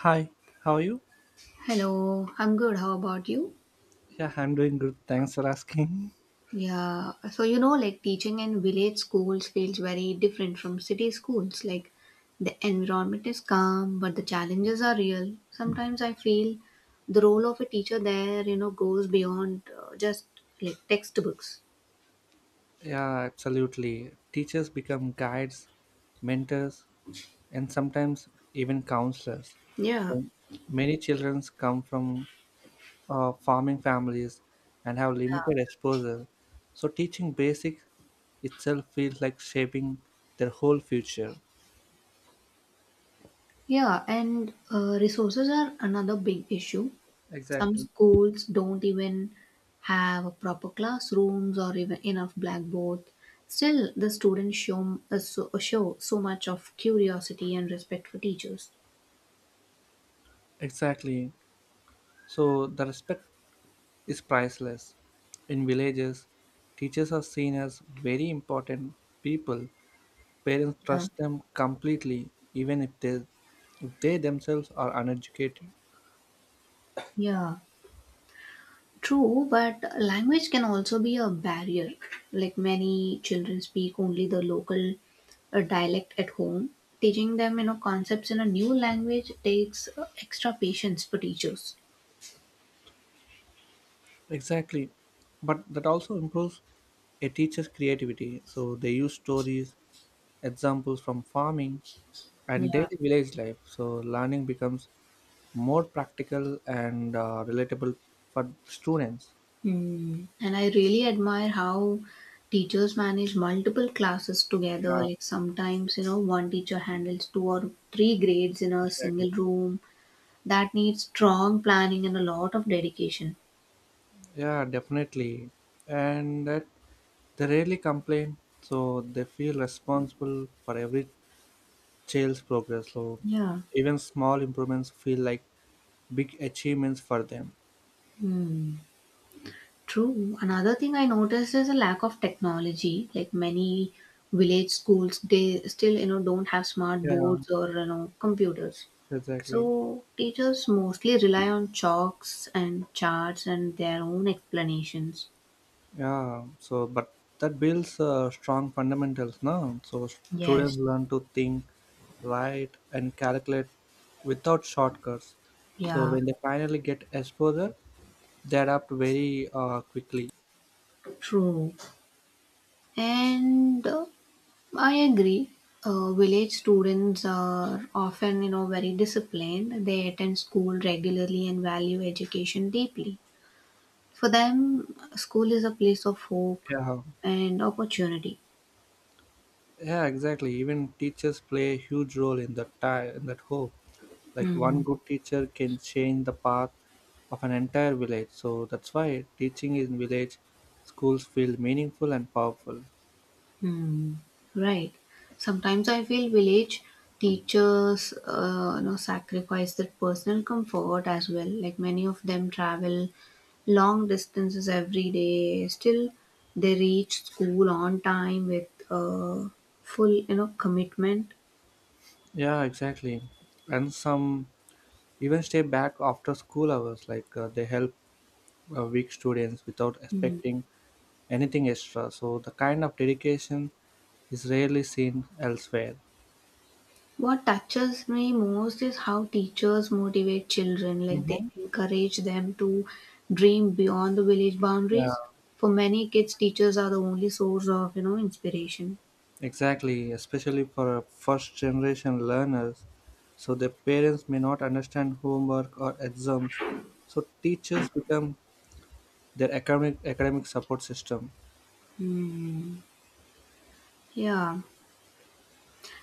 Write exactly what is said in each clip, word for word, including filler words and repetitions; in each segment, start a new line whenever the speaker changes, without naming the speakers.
Hi, how are you?
Hello, I'm good. How about you?
Yeah, I'm doing good. Thanks for asking.
Yeah, so you know, like teaching in village schools feels very different from city schools. Like the environment is calm, but the challenges are real. Sometimes I feel the role of a teacher there, you know, goes beyond uh, just like textbooks.
Yeah, absolutely. Teachers become guides, mentors, and sometimes even counselors.
Yeah.
So many children come from uh, farming families and have limited exposure. So teaching basics itself feels like shaping their whole future.
Yeah, and uh, resources are another big issue. Some
Exactly.
schools don't even have proper classrooms or even enough blackboard. Still, the students show, uh, so, uh, show so much of curiosity and respect for teachers.
Exactly. So the respect is priceless. In villages, teachers are seen as very important people. Parents
Yeah.
trust them completely, even if they, if they themselves are uneducated.
Yeah, true, but language can also be a barrier. Like many children speak only the local uh, dialect at home. Teaching them, you know, concepts in a new language takes uh, extra patience for teachers.
Exactly. But that also improves a teacher's creativity. So they use stories, examples from farming and
Yeah.
daily village life. So learning becomes more practical and uh, relatable for the students.
Mm. And I really admire how teachers manage multiple classes together.
Yeah,
Like sometimes, you know, one teacher handles two or three grades in a
exactly.
single room. That needs strong planning and a lot of dedication.
Yeah, definitely. And that they rarely complain, so they feel responsible for every child's progress. So
Yeah.
even small improvements feel like big achievements for them.
Hmm. True. Another thing I noticed is a lack of technology. Like many village schools, they still, you know, don't have smart
Yeah,
boards or, you know, computers.
exactly.
So teachers mostly rely on chalks and charts and their own explanations.
Yeah, so but that builds uh, strong fundamentals now. So students
Yes,
learn to think, write, and calculate without shortcuts. So
yeah,
when they finally get exposure, they adapt very uh, quickly.
true. And uh, I agree. Uh, village students are often, you know, very disciplined. They attend school regularly and value education deeply. For them, school is a place of hope
Yeah.
and opportunity.
Yeah, exactly. Even teachers play a huge role in that ti in that hope. Like
Hmm.
one good teacher can change the path of an entire village. So that's why teaching in village schools feel meaningful and powerful.
Hmm. Right. Sometimes I feel village teachers, uh, you know, sacrifice their personal comfort as well. Like many of them travel long distances every day. Still, they reach school on time with uh, full, you know, commitment.
Yeah, exactly. And some even stay back after school hours. Like uh, they help uh, weak students without expecting anything extra. So the kind of dedication is rarely seen elsewhere.
What touches me most is how teachers motivate children, like they
Mm-hmm.
encourage them to dream beyond the village
Yeah.
boundaries. For many kids, teachers are the only source of, you know, inspiration.
Exactly, especially for uh, first generation learners. So their parents may not understand homework or exams. So teachers become their academic academic support system.
Hmm. Yeah.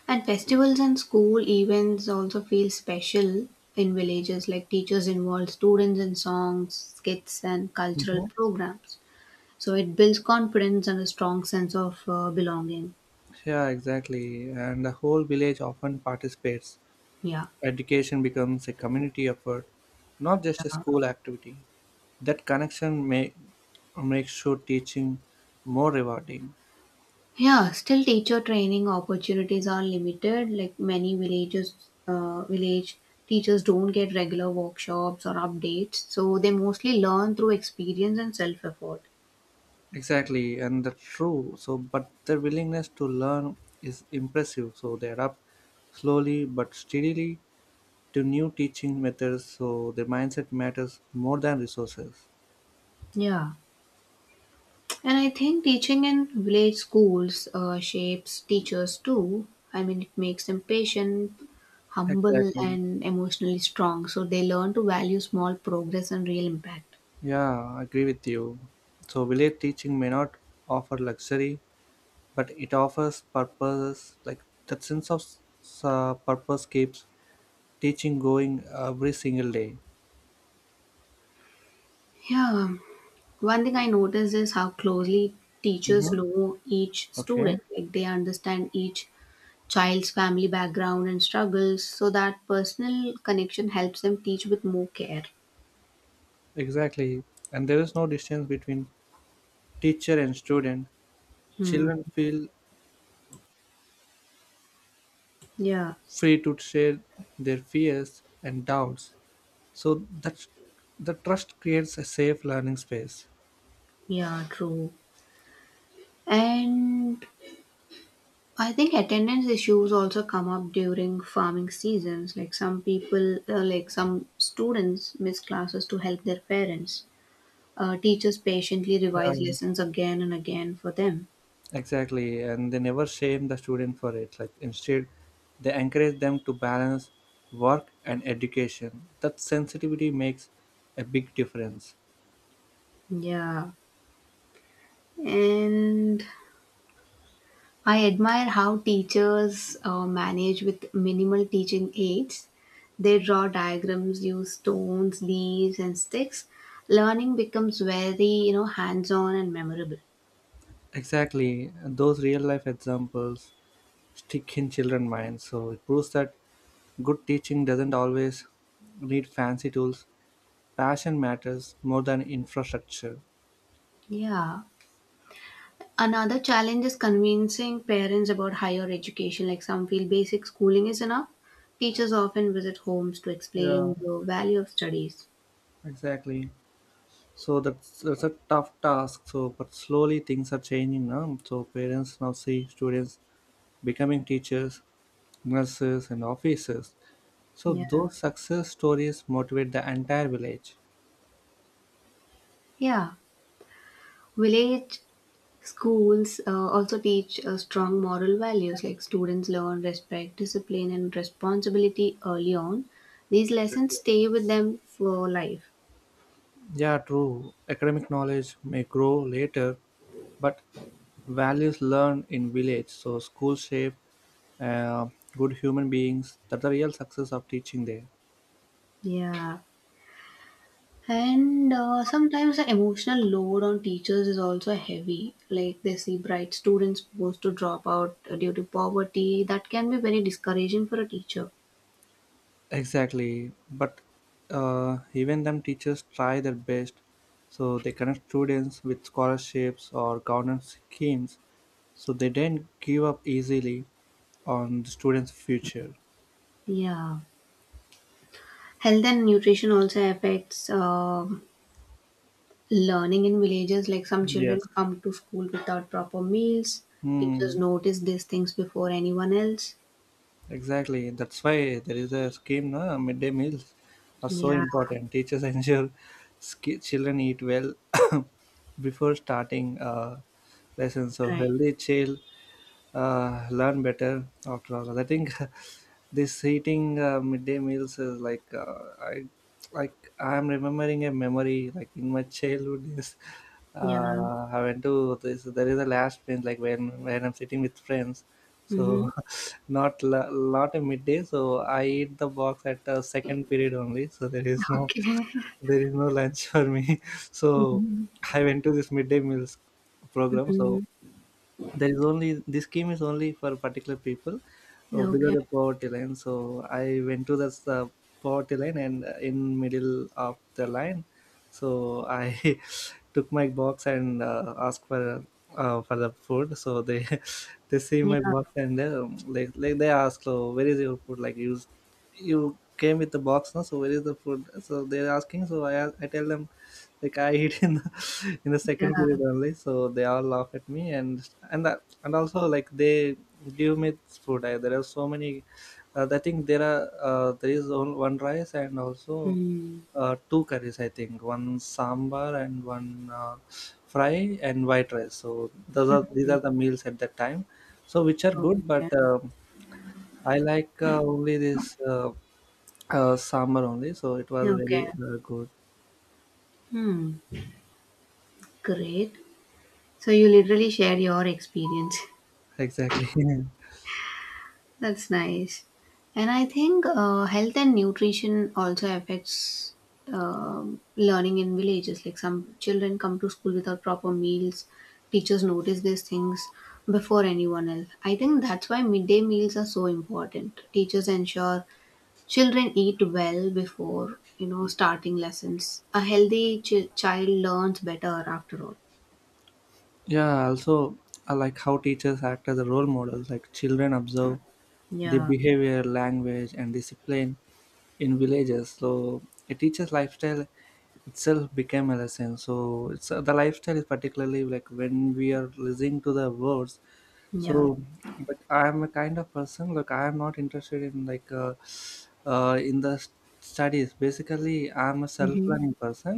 And festivals and school events also feel special in villages, like teachers involve students in songs, skits, and cultural
Mhm.
programs. So it builds confidence and a strong sense of uh, belonging.
Yeah, exactly. And the whole village often participates.
Yeah.
Education becomes a community effort, not just a school activity. That connection may make sure teaching more rewarding.
Yeah, still teacher training opportunities are limited. Like many villages, uh, village teachers don't get regular workshops or updates, so they mostly learn through experience and self effort.
Exactly, and that's true. So, but their willingness to learn is impressive. So they adapt slowly but steadily to new teaching methods. So their mindset matters more than resources.
Yeah, and I think teaching in village schools uh, shapes teachers too. I mean, it makes them patient, humble,
Exactly.
and emotionally strong, so they learn to value small progress and real impact.
Yeah, I agree with you. So village teaching may not offer luxury, but it offers purpose. Like that sense of s- uh, purpose keeps teaching going every single day.
Yeah. One thing I noticed is how closely teachers
Mm-hmm.
know each
Okay.
student. Like they understand each child's family background and struggles, so that personal connection helps them teach with more care.
Exactly. And there is no distance between teacher and student,
Hmm.
children feel
Yeah,
free to share their fears and doubts. So that's the trust creates a safe learning space.
yeah, true. And I think attendance issues also come up during farming seasons. Like some people, uh, like some students miss classes to help their parents. Uh, teachers patiently revise
Yeah,
lessons again and again for them.
exactly. And they never shame the student for it. Like instead, they encourage them to balance work and education. That sensitivity makes a big difference.
Yeah. And I admire how teachers uh, manage with minimal teaching aids. They draw diagrams, use stones, leaves, and sticks. Learning becomes very, you know, hands-on and memorable.
Exactly, and those real life examples stick in children's minds. So it proves that good teaching doesn't always need fancy tools. Passion matters more than infrastructure.
Yeah. Another challenge is convincing parents about higher education. Like some feel basic schooling is enough. Teachers often visit homes to
Yeah.
explain the value of studies.
Exactly. So that's, that's a tough task. So, but slowly things are changing now. So parents now see students becoming teachers, nurses, and officers. So
Yeah.
those success stories motivate the entire village.
Yeah. Village schools uh, also teach uh, strong moral values like students learn respect, discipline, and responsibility early on. These lessons stay with them for life.
Yeah, true. Academic knowledge may grow later, but values learned in village, so school shape uh, good human beings. That's the real success of teaching there.
Yeah. And uh, sometimes the emotional load on teachers is also heavy. Like they see bright students supposed to drop out due to poverty. That can be very discouraging for a teacher.
Exactly, but uh, even them teachers try their best, so they connect students with scholarships or governance schemes, so they don't give up easily on the students' future.
Yeah. Health and nutrition also affects uh, learning in villages, like some children
Yes.
come to school without proper meals. Teachers
Hmm.
notice these things before anyone else.
Exactly. That's why there is a scheme. No? Midday meals are so
Yeah,
important. Teachers ensure sk- children eat well before starting uh, lessons. So
right.
healthy child uh, learn better after all. I think this eating uh, midday meals is like uh, I like I'm remembering a memory like in my childhood days.
Yeah.
Uh, I went to this. There is a last bench like when when I'm sitting with friends.
Mm-hmm.
So not la- not a midday. So I eat the box at the second period only. So there is no
Okay.
there is no lunch for me. So
Mm-hmm.
I went to this midday meals program.
Hmm.
So there is only this scheme is only for particular people uh, below
Okay.
the poverty line so I went to this uh, poverty line and uh, in middle of the line so I took my box and uh, asked for uh, for the food. So they they see
Yeah.
my box and they, um, like like they ask, so where is your food? Like you s- you came with the box, no? So where is the food? So they're asking. So I ask- I tell them like I eat in the in the
Yeah.
second period only. So they all laugh at me and and that, and also like they give me food. I, there are so many. Uh, I think there are uh, there is on- one rice and also
Mm.
uh, two curries, I think, one sambar and one uh, fry and white rice. So those are these are the meals at that time. So which are good,
Okay.
but um I like uh, only this uh, uh, sambar only. So it was
Okay.
very uh, good.
Hmm. Great. So you literally share your experience.
Exactly.
That's nice. And I think uh, health and nutrition also affects um learning in villages. Like some children come to school without proper meals. Teachers notice these things before anyone else. I think that's why midday meals are so important. Teachers ensure children eat well before you know starting lessons. A healthy ch- child learns better after all.
Yeah. Also, I like how teachers act as a role models. Like children observe the
Yeah,
behavior, language, and discipline in villages. So a teacher's lifestyle itself became a lesson so it's uh, the lifestyle is particularly like when we are listening to the words
yeah.
so but I am a kind of person. Look, I am not interested in like uh, uh, in the s- studies basically I am a
Mm-hmm.
self-learning person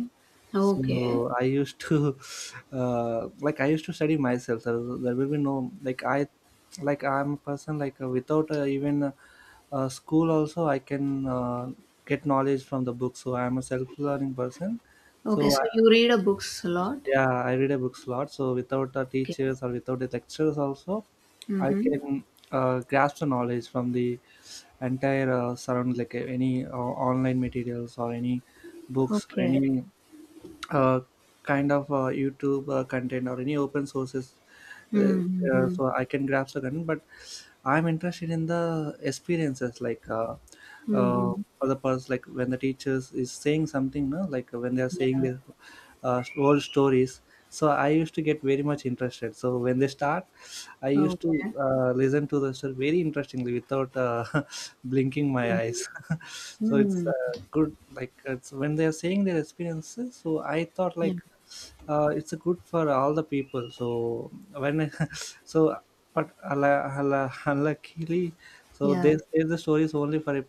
so
Okay.
I used to uh, like I used to study myself so there will be no like i like I'm a person like uh, without uh, even uh, uh, school also I can uh, get knowledge from the book so I am a self-learning person so
Okay. So
I,
you read a books a lot.
yeah I read a books a lot so without the teachers or without the lectures also I
Mhm.
can uh, grasp the knowledge from the entire uh, surround like uh, any uh, online materials or any books or
Okay.
any uh, kind of uh, youtube uh, content or any open sources uh, uh,
Mhm.
so I can grasp the content. But I'm interested in the experiences, like uh, uh,
Mhm.
for the person, like when the teachers is saying something, no, like uh, when they are saying
Yeah.
their uh, whole stories. So I used to get very much interested. So when they start, I used to
Okay.
uh, listen to the story very interestingly without uh, blinking my
Mhm.
eyes. So it's uh,
Mm.
good, like it's when they are saying their experiences. So I thought
Yeah.
like uh, it's a good for all the people so when I- so but ala- ala- unluckily so
Yeah.
they say the stories only for a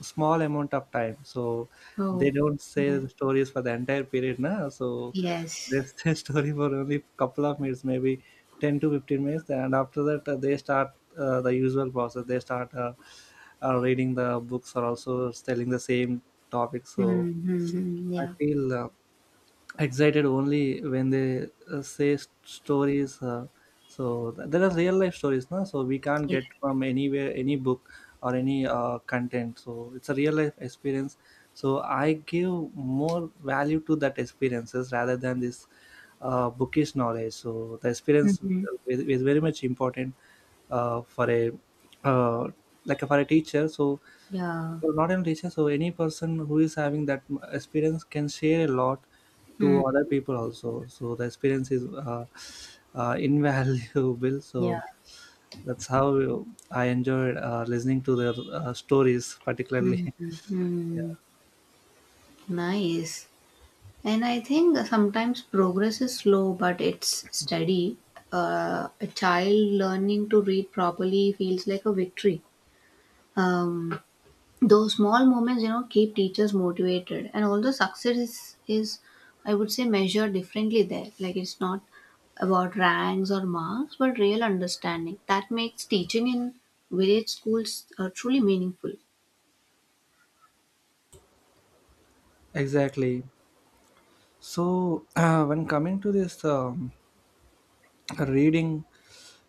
small amount of time so
Oh,
they don't say
yeah.
the stories for the entire period na so
Yes.
they say story for only couple of minutes maybe ten to fifteen minutes and after that uh, they start uh, the usual process they start uh, uh, reading the books or also telling the same topic
Mm,
so
mhm.
I
Yeah.
feel uh, excited only when they uh, say s- stories uh, so th- there are real life stories na. So we can't
Yeah.
get from anywhere any book or any uh, content so it's a real life experience so I give more value to that experiences rather than this uh, bookish knowledge so the experience
Mhm.
is, is very much important uh, for a uh, like for a teacher so
Yeah.
for not only teacher so any person who is having that experience can share a lot to
Mm.
other people also so the experience is uh, uh, invaluable
Yeah.
so that's how I enjoyed uh, listening to their uh, stories particularly yeah,
Mm. Nice. And I think sometimes progress is slow, but it's steady. Uh, a child learning to read properly feels like a victory. Um, those small moments you know keep teachers motivated, and although success is, is I would say measured differently there, like it's not about ranks or marks but real understanding that makes teaching in village schools uh, truly meaningful.
exactly so when coming to this um, reading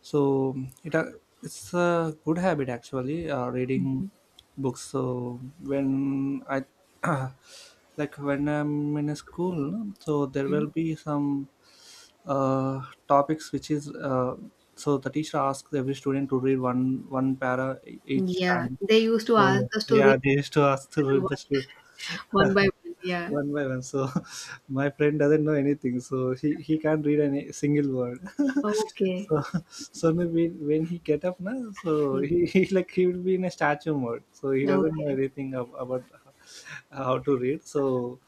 so it uh, it's a good habit actually uh, reading books so when I like when I'm in a school no, so there
Mhm.
will be some uh, topics which is uh, so the teacher asks every student to read one one para e- each
Yeah,
time
they used to
so
ask us to
yeah
read
they used to ask to read the
one,
student
one by one. Yeah.
one by one. So my friend doesn't know anything, so he, he can't read any single word.
Okay.
So so no, when, when he get up now, so
Yeah.
he, he like he will be in a statue mode. So he doesn't know
Okay,
anything ab- about how to read. So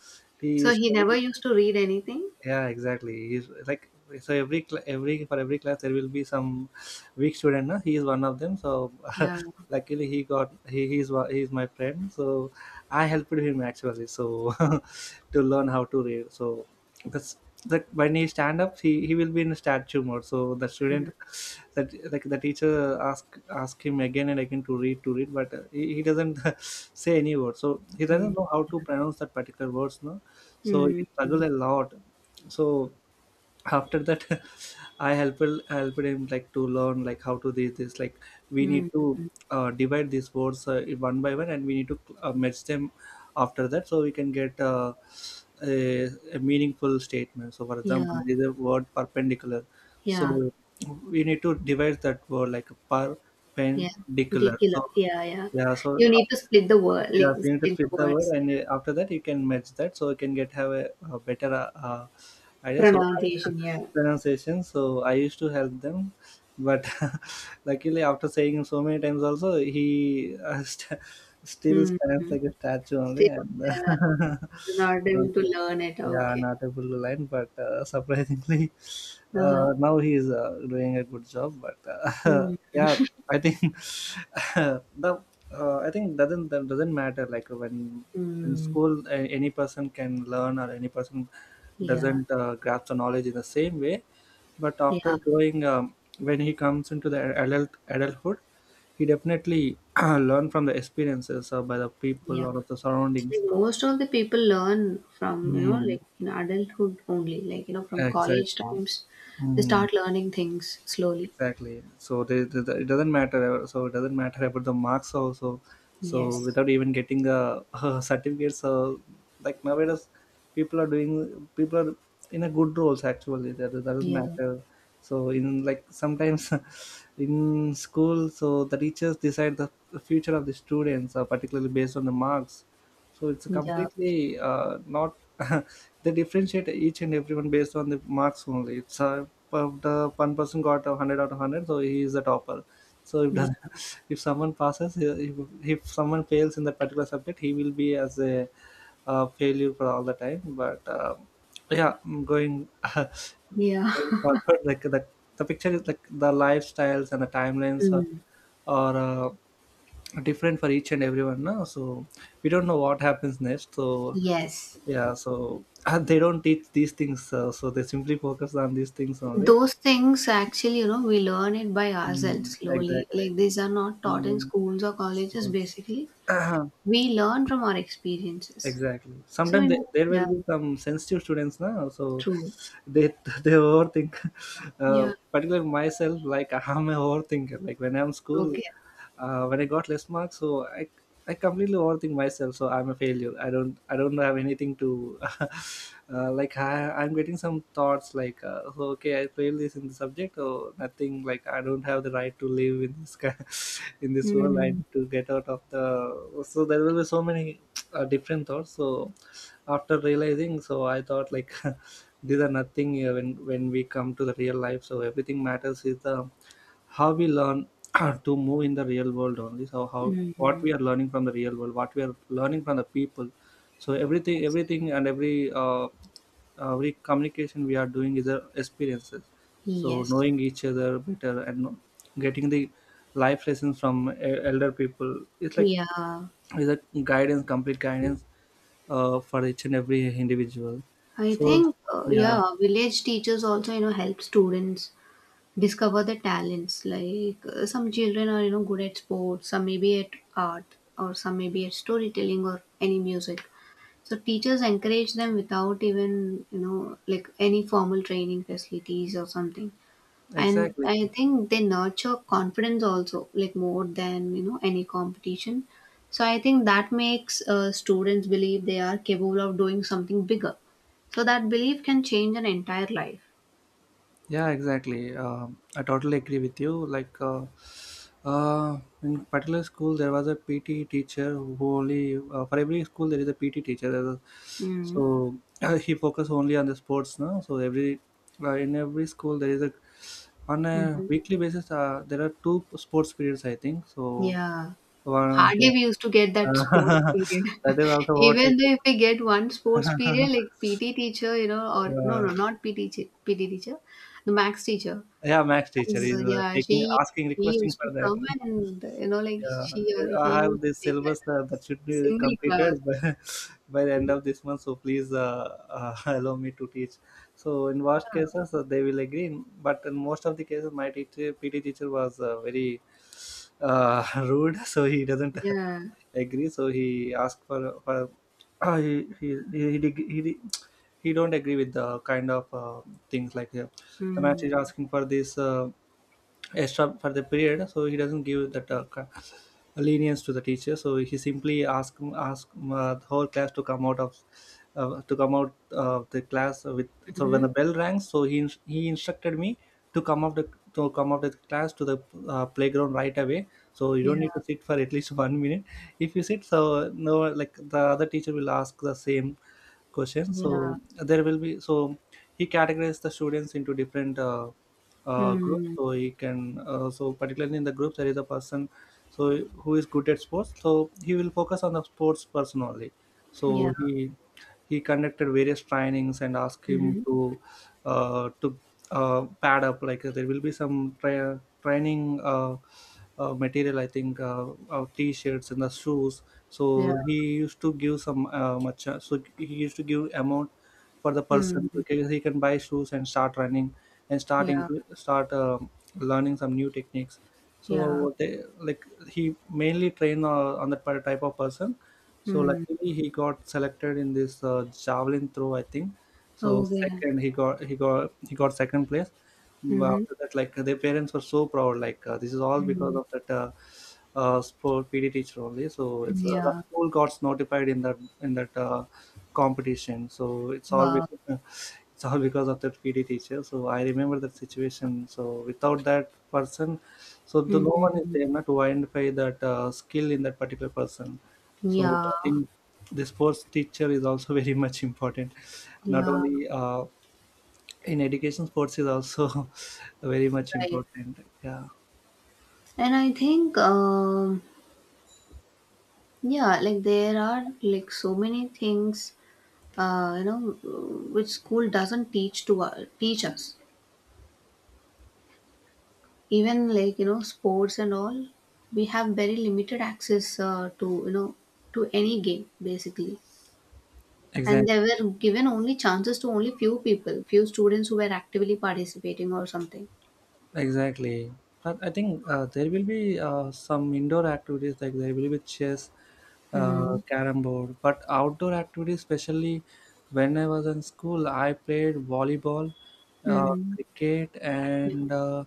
he
so
is
he never used to read anything.
yeah, exactly. He's like so every cl- every for every class there will be some weak student. No? He is one of them. So
Yeah.
luckily he got he he's wa- he's my friend. So I helped him actually. So to learn how to read. So that's that when he stand up he, he will be in statue mode. So the student that, like the teacher ask ask him again and again to read to read but uh, he, he doesn't say any word, so he
Mm.
doesn't know how to pronounce that particular words, no? So he struggled
Mm.
a lot. So after that, I helped helped him, like, to learn, like, how to do this. Like we need
Mm.
to uh, divide these words uh, one by one, and we need to uh, merge them after that, so we can get uh, a, a meaningful statement. So for example,
Yeah,
there is a word, perpendicular.
yeah.
So we need to divide that word, like
Yeah,
perpendicular.
ridiculous.
So
Yeah, yeah.
yeah. So
You need to split the word, like
yeah, you need to
split the
split the word,
words.
and
Yeah.
uh, after that you can match that, so you can get, have a, a better uh, uh, idea. So I-
Pronunciation, yeah.
pronunciation. So I used to help them. But luckily, after saying so many times, also he uh, st- still stands
Mm-hmm.
like a statue only.
Still,
And
uh, not able
and
to learn it.
yeah,
Okay.
not able to line. But uh, surprisingly,
Uh-huh.
uh, now he is uh, doing a good job. But uh,
Mm.
yeah, I think, the uh, I think, doesn't that doesn't matter, like when in
Hmm.
school, a- any person can learn, or any person
Yeah,
doesn't uh, grasp the knowledge in the same way. But
yeah,
after growing, um, when he comes into the adult adulthood, he definitely learn from the experiences, or by the people,
yeah.
or of the
Like
surroundings.
most of the people learn from, you know
Mm,
like in adulthood only. Like, you know from college
exactly.
times, they start learning things slowly.
Exactly, so they, they, they- it doesn't matter. So it doesn't matter about the marks also, so
Yes.
without even getting a, a certificate. So like, nowadays, people are doing people are in a good roles, actually. That that doesn't
Yeah,
matter. So, in like, sometimes, in school, so the teachers decide the future of the students, uh, particularly based on the marks. So it's
yeah,
completely uh, not they differentiate each and everyone based on the marks only. It's uh, but the one person got a one hundred out of one hundred, so he is the topper. So if
yeah,
does, if someone passes if, if someone fails in that particular subject, he will be as a uh, failure for all the time. But um yeah, mm, going
yeah.
going forward, like the, the picture is, like the lifestyles and the timelines are,
Mm.
are uh, different for each and everyone, no? So we don't know what happens next. So
Yes.
yeah. So they don't teach these things, uh, so they simply focus on these things only.
Those things actually, you know we learn it by ourselves
Mm,
slowly,
exactly.
like these are not taught in
Mm,
schools or
of
colleges
course.
basically. We learn from our experiences.
Exactly.
So
Sometimes
in-
there, there will
yeah,
be some sensitive students now, so
true.
they they overthink. Uh,
Yeah.
particularly myself, like, I'm a overthinker. Like, when I'm school,
Okay.
uh, when I got less marks, so I I completely overthink myself. So I'm a failure. I don't I don't have anything to uh, like. I, I'm getting some thoughts, like, uh, so okay, I failed this in the subject or nothing. Like, I don't have the right to live in this ki- in this world. I
Mm.
need to get out of the. So there will be so many uh, different thoughts. So after realizing, so I thought like. These are nothing, uh, when when we come to the real life, so everything matters is the how we learn to move in the real world only. So how, what
Mm.
we are learning from the real world, what we are learning from the people, so everything, everything and every uh, every communication we are doing is uh, experiences. So
Yes.
knowing each other better, and know- getting the life lessons from e- elder people, it's like,
Yeah,
is a guidance, complete guidance uh, for each and every individual.
I
So
think, uh,
yeah,
yeah, village teachers also, you know help students discover their talents, like uh, some children are, you know good at sports, some maybe at art, or some maybe at storytelling or any music. So teachers encourage them without even, you know, like any formal training facilities or something. And
exactly.
I think they nurture confidence also, like more than, you know, any competition. So I think that makes uh, students believe they are capable of doing something bigger. So that belief can change an entire life.
Yeah, exactly. Um I totally agree with you. Like, uh, uh, in particular school, there was a P T teacher who only, uh, for every school, there is a P T teacher. There's a-
Mm-hmm.
So he focused only on the sports, no? So every, uh, in every school, there is a, on a
Mm-hmm.
weekly basis, Uh, there are two sports periods, I think. So
Yeah.
one, uh,
Hardly we used to get that sports period.
that is also what I.
Even though if we get one sports
could-
period, like P T teacher, you know, or no,
uh,
no, not P T teacher, P T teacher, the max teacher.
yeah, Max teacher
As,
is uh,
yeah,
taking
she
asking
he
requesting
used
for
to
that.
come and, you know, like
Yeah,
she or
I
he
have
used to
this
take that
syllabus, uh, that
class,
should be
single class.
completed, by, by the end of this month. So please, uh, uh, allow me to teach. So in worst
Huh?
cases, uh, they will agree. But in most of the cases, my teacher, P T teacher, was uh, very uh, rude. So he doesn't
Yeah.
agree. So he asked for for he, he he he he he don't agree with the kind of uh, things, like uh, the match
Mm.
is asking for this. Uh, extra for the period, so he doesn't give that uh, ca- lenience to the teacher. So he simply ask ask uh, the whole class to come out of, uh, to come out of the class with. So when
Mm-hmm.
the bell rang, so he ins- he instructed me to come out the, to come out the class to the uh, playground right away. So you
Yeah.
don't need to sit for at least one minute. If you sit, so no, like the other teacher will ask the same question,
Yeah.
so there will be. So he categorized the students into different uh, uh, groups,
Mm.
so he can uh, so particularly in the group, there is a person, so who is good at sports. So he will focus on the sports person only. So
Yeah.
he he conducted various trainings and asked him
Mm-hmm.
to uh, to uh, pad up. Like, uh, there will be some tra- training, uh, uh, material, I think, uh, uh, t-shirts and the shoes.
Yeah.
So he used to give some, uh, much. uh, So he used to give amount for the person,
Mm.
because he can buy shoes and start running and starting
Yeah.
to start um learning some new techniques.
Yeah.
So they, like, he mainly trained uh, on that type of person. So
Mm.
luckily, he got selected in this uh, javelin throw, I think. So
Okay.
second, he got he got he got second place. But
Mm-hmm.
after that, like, their parents were so proud. Like, uh, this is all because
Mm.
of that, uh, uh, sport P D teacher only. So it's uh, the
Yeah.
school got notified in that, in that uh, competition. So it's all
Wow.
because, it's all because of that P D teacher. So I remember that situation. So without that person, so the, no one is
Mhm.
there, not to identify that uh, skill in that particular person. So
Yeah,
I think the sports teacher is also, very much important. Not
yeah,
only, uh, in education, sports is also, very much
right.
important. Yeah,
And I think, um, yeah, like there are like so many things, uh, you know, which school doesn't teach to uh, teach us. Even, like, you know, sports and all, we have very limited access uh, to you know to any game basically. And
exactly.
they were given only chances to only few people, few students who were actively participating or something.
Exactly. But I think, uh, there will be uh, some indoor activities, like there will be chess, uh,
Hmm.
carom board. But outdoor activities, especially when I was in school, I played volleyball, uh,
Mm.
cricket,
Yeah.
and uh,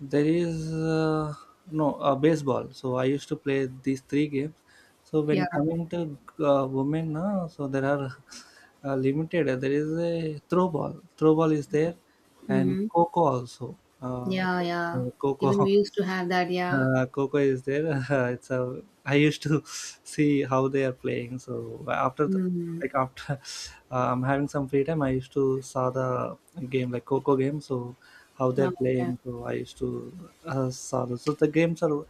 there is uh, no uh, baseball. So I used to play these three games. So
Yeah.
when coming to uh, women, uh, so there are, uh, limited. There is a throw ball. Throw ball is there, and
Mm-hmm.
coco also, uh,
Yeah, yeah.
uh, Coco.
Even we used to have that, yeah.
Uh, Coco is there. Uh, it's a. I used to see how they are playing. So after the,
Hmm.
like after uh, I'm having some free time, I used to saw the game, like Coco game. So how
Now,
they're
yeah.
playing. So I used to uh, saw those. So the games are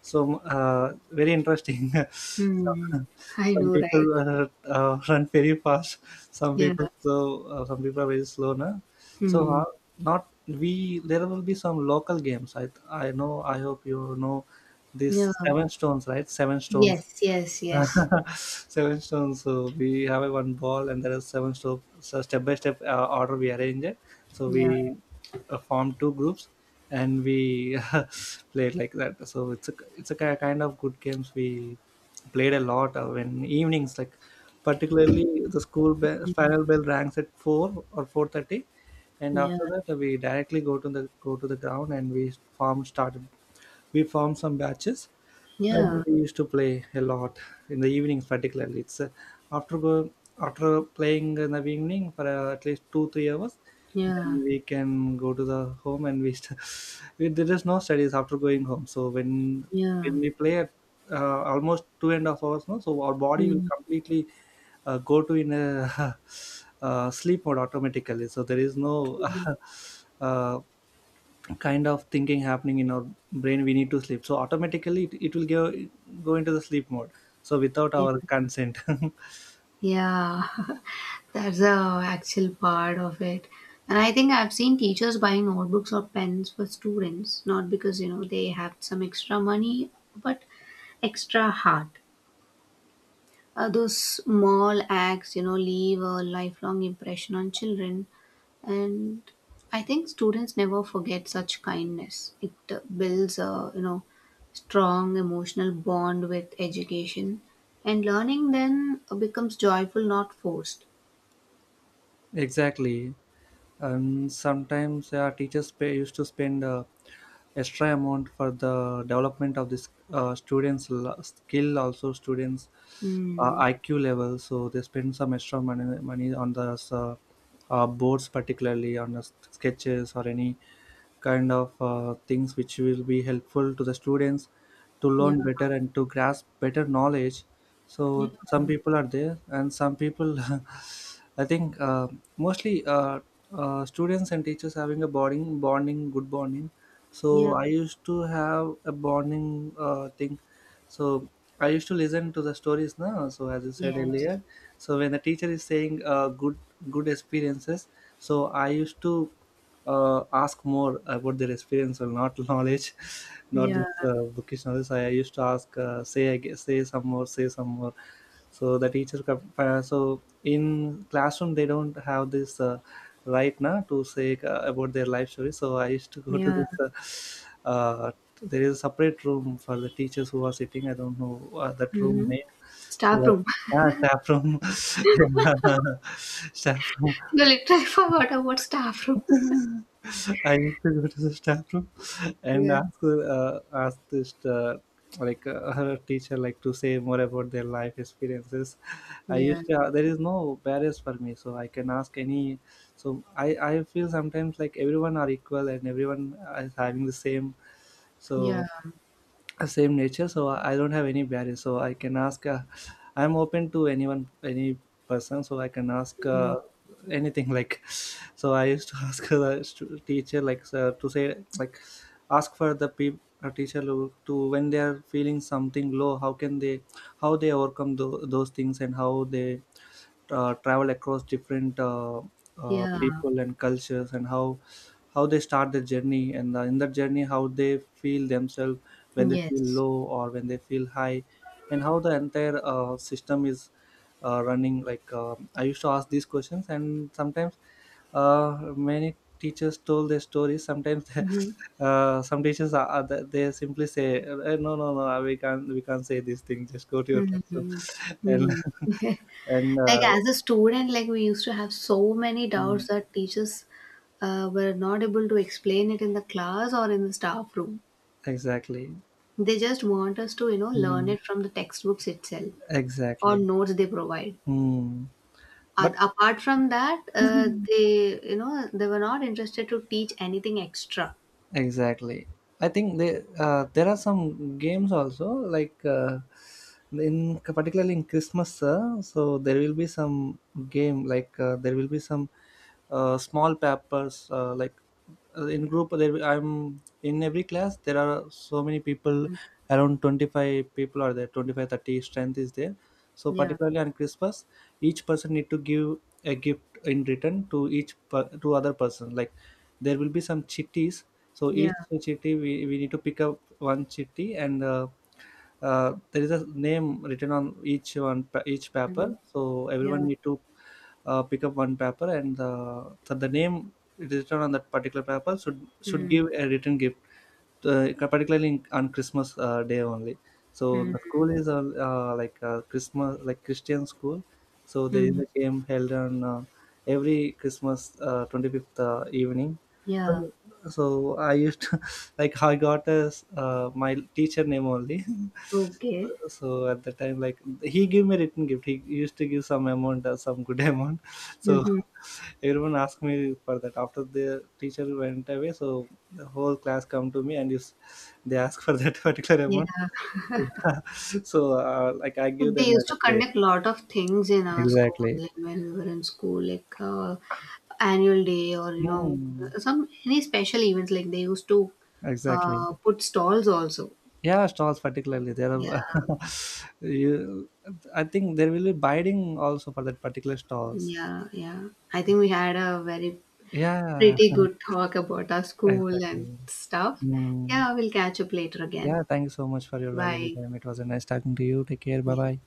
so uh, very interesting.
Hmm.
some,
I
some
know,
people
right?
uh, uh, run very fast. Some
Yeah.
people so uh, some people are very slow. Na? So
Hmm.
uh, not, we, there will be some local games. I I know. I hope you know
Yeah.
this seven stones, right? Seven stones.
Yes, yes, yes.
Seven stones. So we have a one ball, and there are seven stones. So step by step, uh, order, we arrange it. So
Yeah.
we, uh, form two groups, and we, play it like that. So it's a it's a ki- kind of good games we played a lot, uh, when evenings, like, particularly the school bell, final bell ranks at four or four thirty, and
Yeah.
after that, uh, we directly go to the go to the ground, and we form started we formed some batches, and
Yeah.
we used to play a lot in the evenings, particularly. It's uh, after go After playing in the evening for uh, at least two three hours,
Yeah.
then we can go to the home. And we. St- we there is no studies after going home. So when
Yeah.
when we play at uh, almost two and a half hours, no, so our body will
Hmm.
completely uh, go to in a, uh, sleep mode automatically. So there is no
Mm.
uh, kind of thinking happening in our brain. We need to sleep, so automatically it, it will go go into the sleep mode so without
Yeah.
our consent.
Yeah. That's the actual part of it. And I think I've seen teachers buying notebooks or pens for students, not because, you know, they have some extra money, but extra heart. Uh, those small acts, you know, leave a lifelong impression on children. And I think students never forget such kindness. It uh, builds a, you know, strong emotional bond with education. And learning then becomes joyful, not forced.
exactly. And sometimes, yeah, teachers pay, used to spend uh, extra amount for the development of this uh, students l- skill also, students' uh,
Hmm.
IQ level. So they spend some extra money money on the uh, uh, boards, particularly on the sketches or any kind of uh, things which will be helpful to the students to
Yeah.
learn better and to grasp better knowledge.
Yeah.
So some people are there and some people. I think uh, mostly uh, uh, students and teachers having a bonding bonding good bonding. So
Yeah.
I used to have a bonding uh, thing. So I used to listen to the stories. Now, so as you said
Yes.
earlier, so when the teacher is saying uh, good good experiences, so I used to uh, ask more about their experience or not knowledge, not
Yeah.
this uh, bookish knowledge. I, I used to ask, uh, say, I guess, say some more, say some more. So the teacher, cap- uh, so in classroom they don't have this uh, right now to say uh, about their life story. So I used to go to
Yeah.
this. Uh, uh, there is a separate room for the teachers who are sitting. I don't know uh, that room
Mm-hmm.
name.
Staff
So
room.
yeah, staff room, yeah, staff room.
You literally forgot about staff room.
I used to go to the staff room and
Yeah.
ask uh, ask this uh, like uh, her teacher like to say more about their life experiences. I
Yeah.
used to, uh, there is no barriers for me, so I can ask any. So I I feel sometimes like everyone are equal and everyone is having the same.
Yeah.
So uh, same nature, so i I don't have any barrier, so I can ask, uh, I'm open to anyone, any person, so I can ask
Mm.
uh, anything, like. So I used to ask the stu- teacher like uh, to say like, ask for the people teacher to, to when they are feeling something low, how can they, how they overcome tho- those things and how they uh, travel across different uh, uh,
Yeah.
people and cultures, and how how they start their journey and uh, in that journey how they feel themselves when they feel
Yes.
low or when they feel high, and how the entire uh, system is uh, running. Like uh, I used to ask these questions. And sometimes uh, many teachers told their stories. Sometimes
Mhm.
uh, some teachers are, are the- they simply say, "Eh, no no no, we can't we can't say this thing, just go to your classroom."
Mhm.
and
Mm.
and
Like, as a student, like we used to have so many
uh,
doubts that teachers uh, were not able to explain it in the class or in the staff room.
exactly.
They just want us to, you know, learn
Mm.
it from the textbooks itself or
Exactly.
notes they provide.
Mm.
A-
But
apart from that, uh, they, you know, they were not interested to teach anything extra.
exactly. I think they, uh, there are some games also, like uh, in particularly in Christmas, uh, so there will be some game, like uh, there will be some uh, small papers, uh, like uh, in group there, I'm in every class there are so many people,
Mm.
around twenty five people are there. Twenty five thirty strength is there. So
Yeah.
particularly on Christmas, each person need to give a gift in return to each per- to other person. Like there will be some chitties, so
Yeah.
each chitty, we, we need to pick up one chitty, and uh, uh, there is a name written on each one pa- each paper,
Mhm.
so everyone
Yeah.
need to uh, pick up one paper, and uh, the, the name it is written on that particular paper, should should
Mm.
give a written gift uh, particularly on Christmas uh, day only. So the
Mm.
school is uh, uh, like uh, Christmas, like Christian school. So there is
Mm.
a game held on uh, every Christmas uh, twenty fifth uh, evening.
Yeah.
So so I used to, like I got as uh, my teacher name only.
Okay.
so at the time, like he gave me written gift. He used to give some amount, uh, some good amount. So
Mm-hmm.
everyone asked me for that after the teacher went away. So the whole class come to me and if they ask for that particular
Yeah,
amount, yeah. So uh, like I give
like they
them a
used to
grade.
conduct lot of things in our school,
Exactly.
like when we were in school, like uh, annual day, or you know
Hmm.
some any special events. Like they used to
Exactly.
uh, put stalls also.
Yeah, stalls particularly there
Yeah,
are, you, I think there will be bidding also for that particular stalls.
yeah, yeah. I think we had a very
Yeah.
pretty good talk about our school and
exactly.
stuff.
Hmm.
Yeah, we'll catch up later again.
Yeah, thank you so much for your valuable
Bye.
time. It was a nice talking to you. Take care. Bye
Yeah.
bye.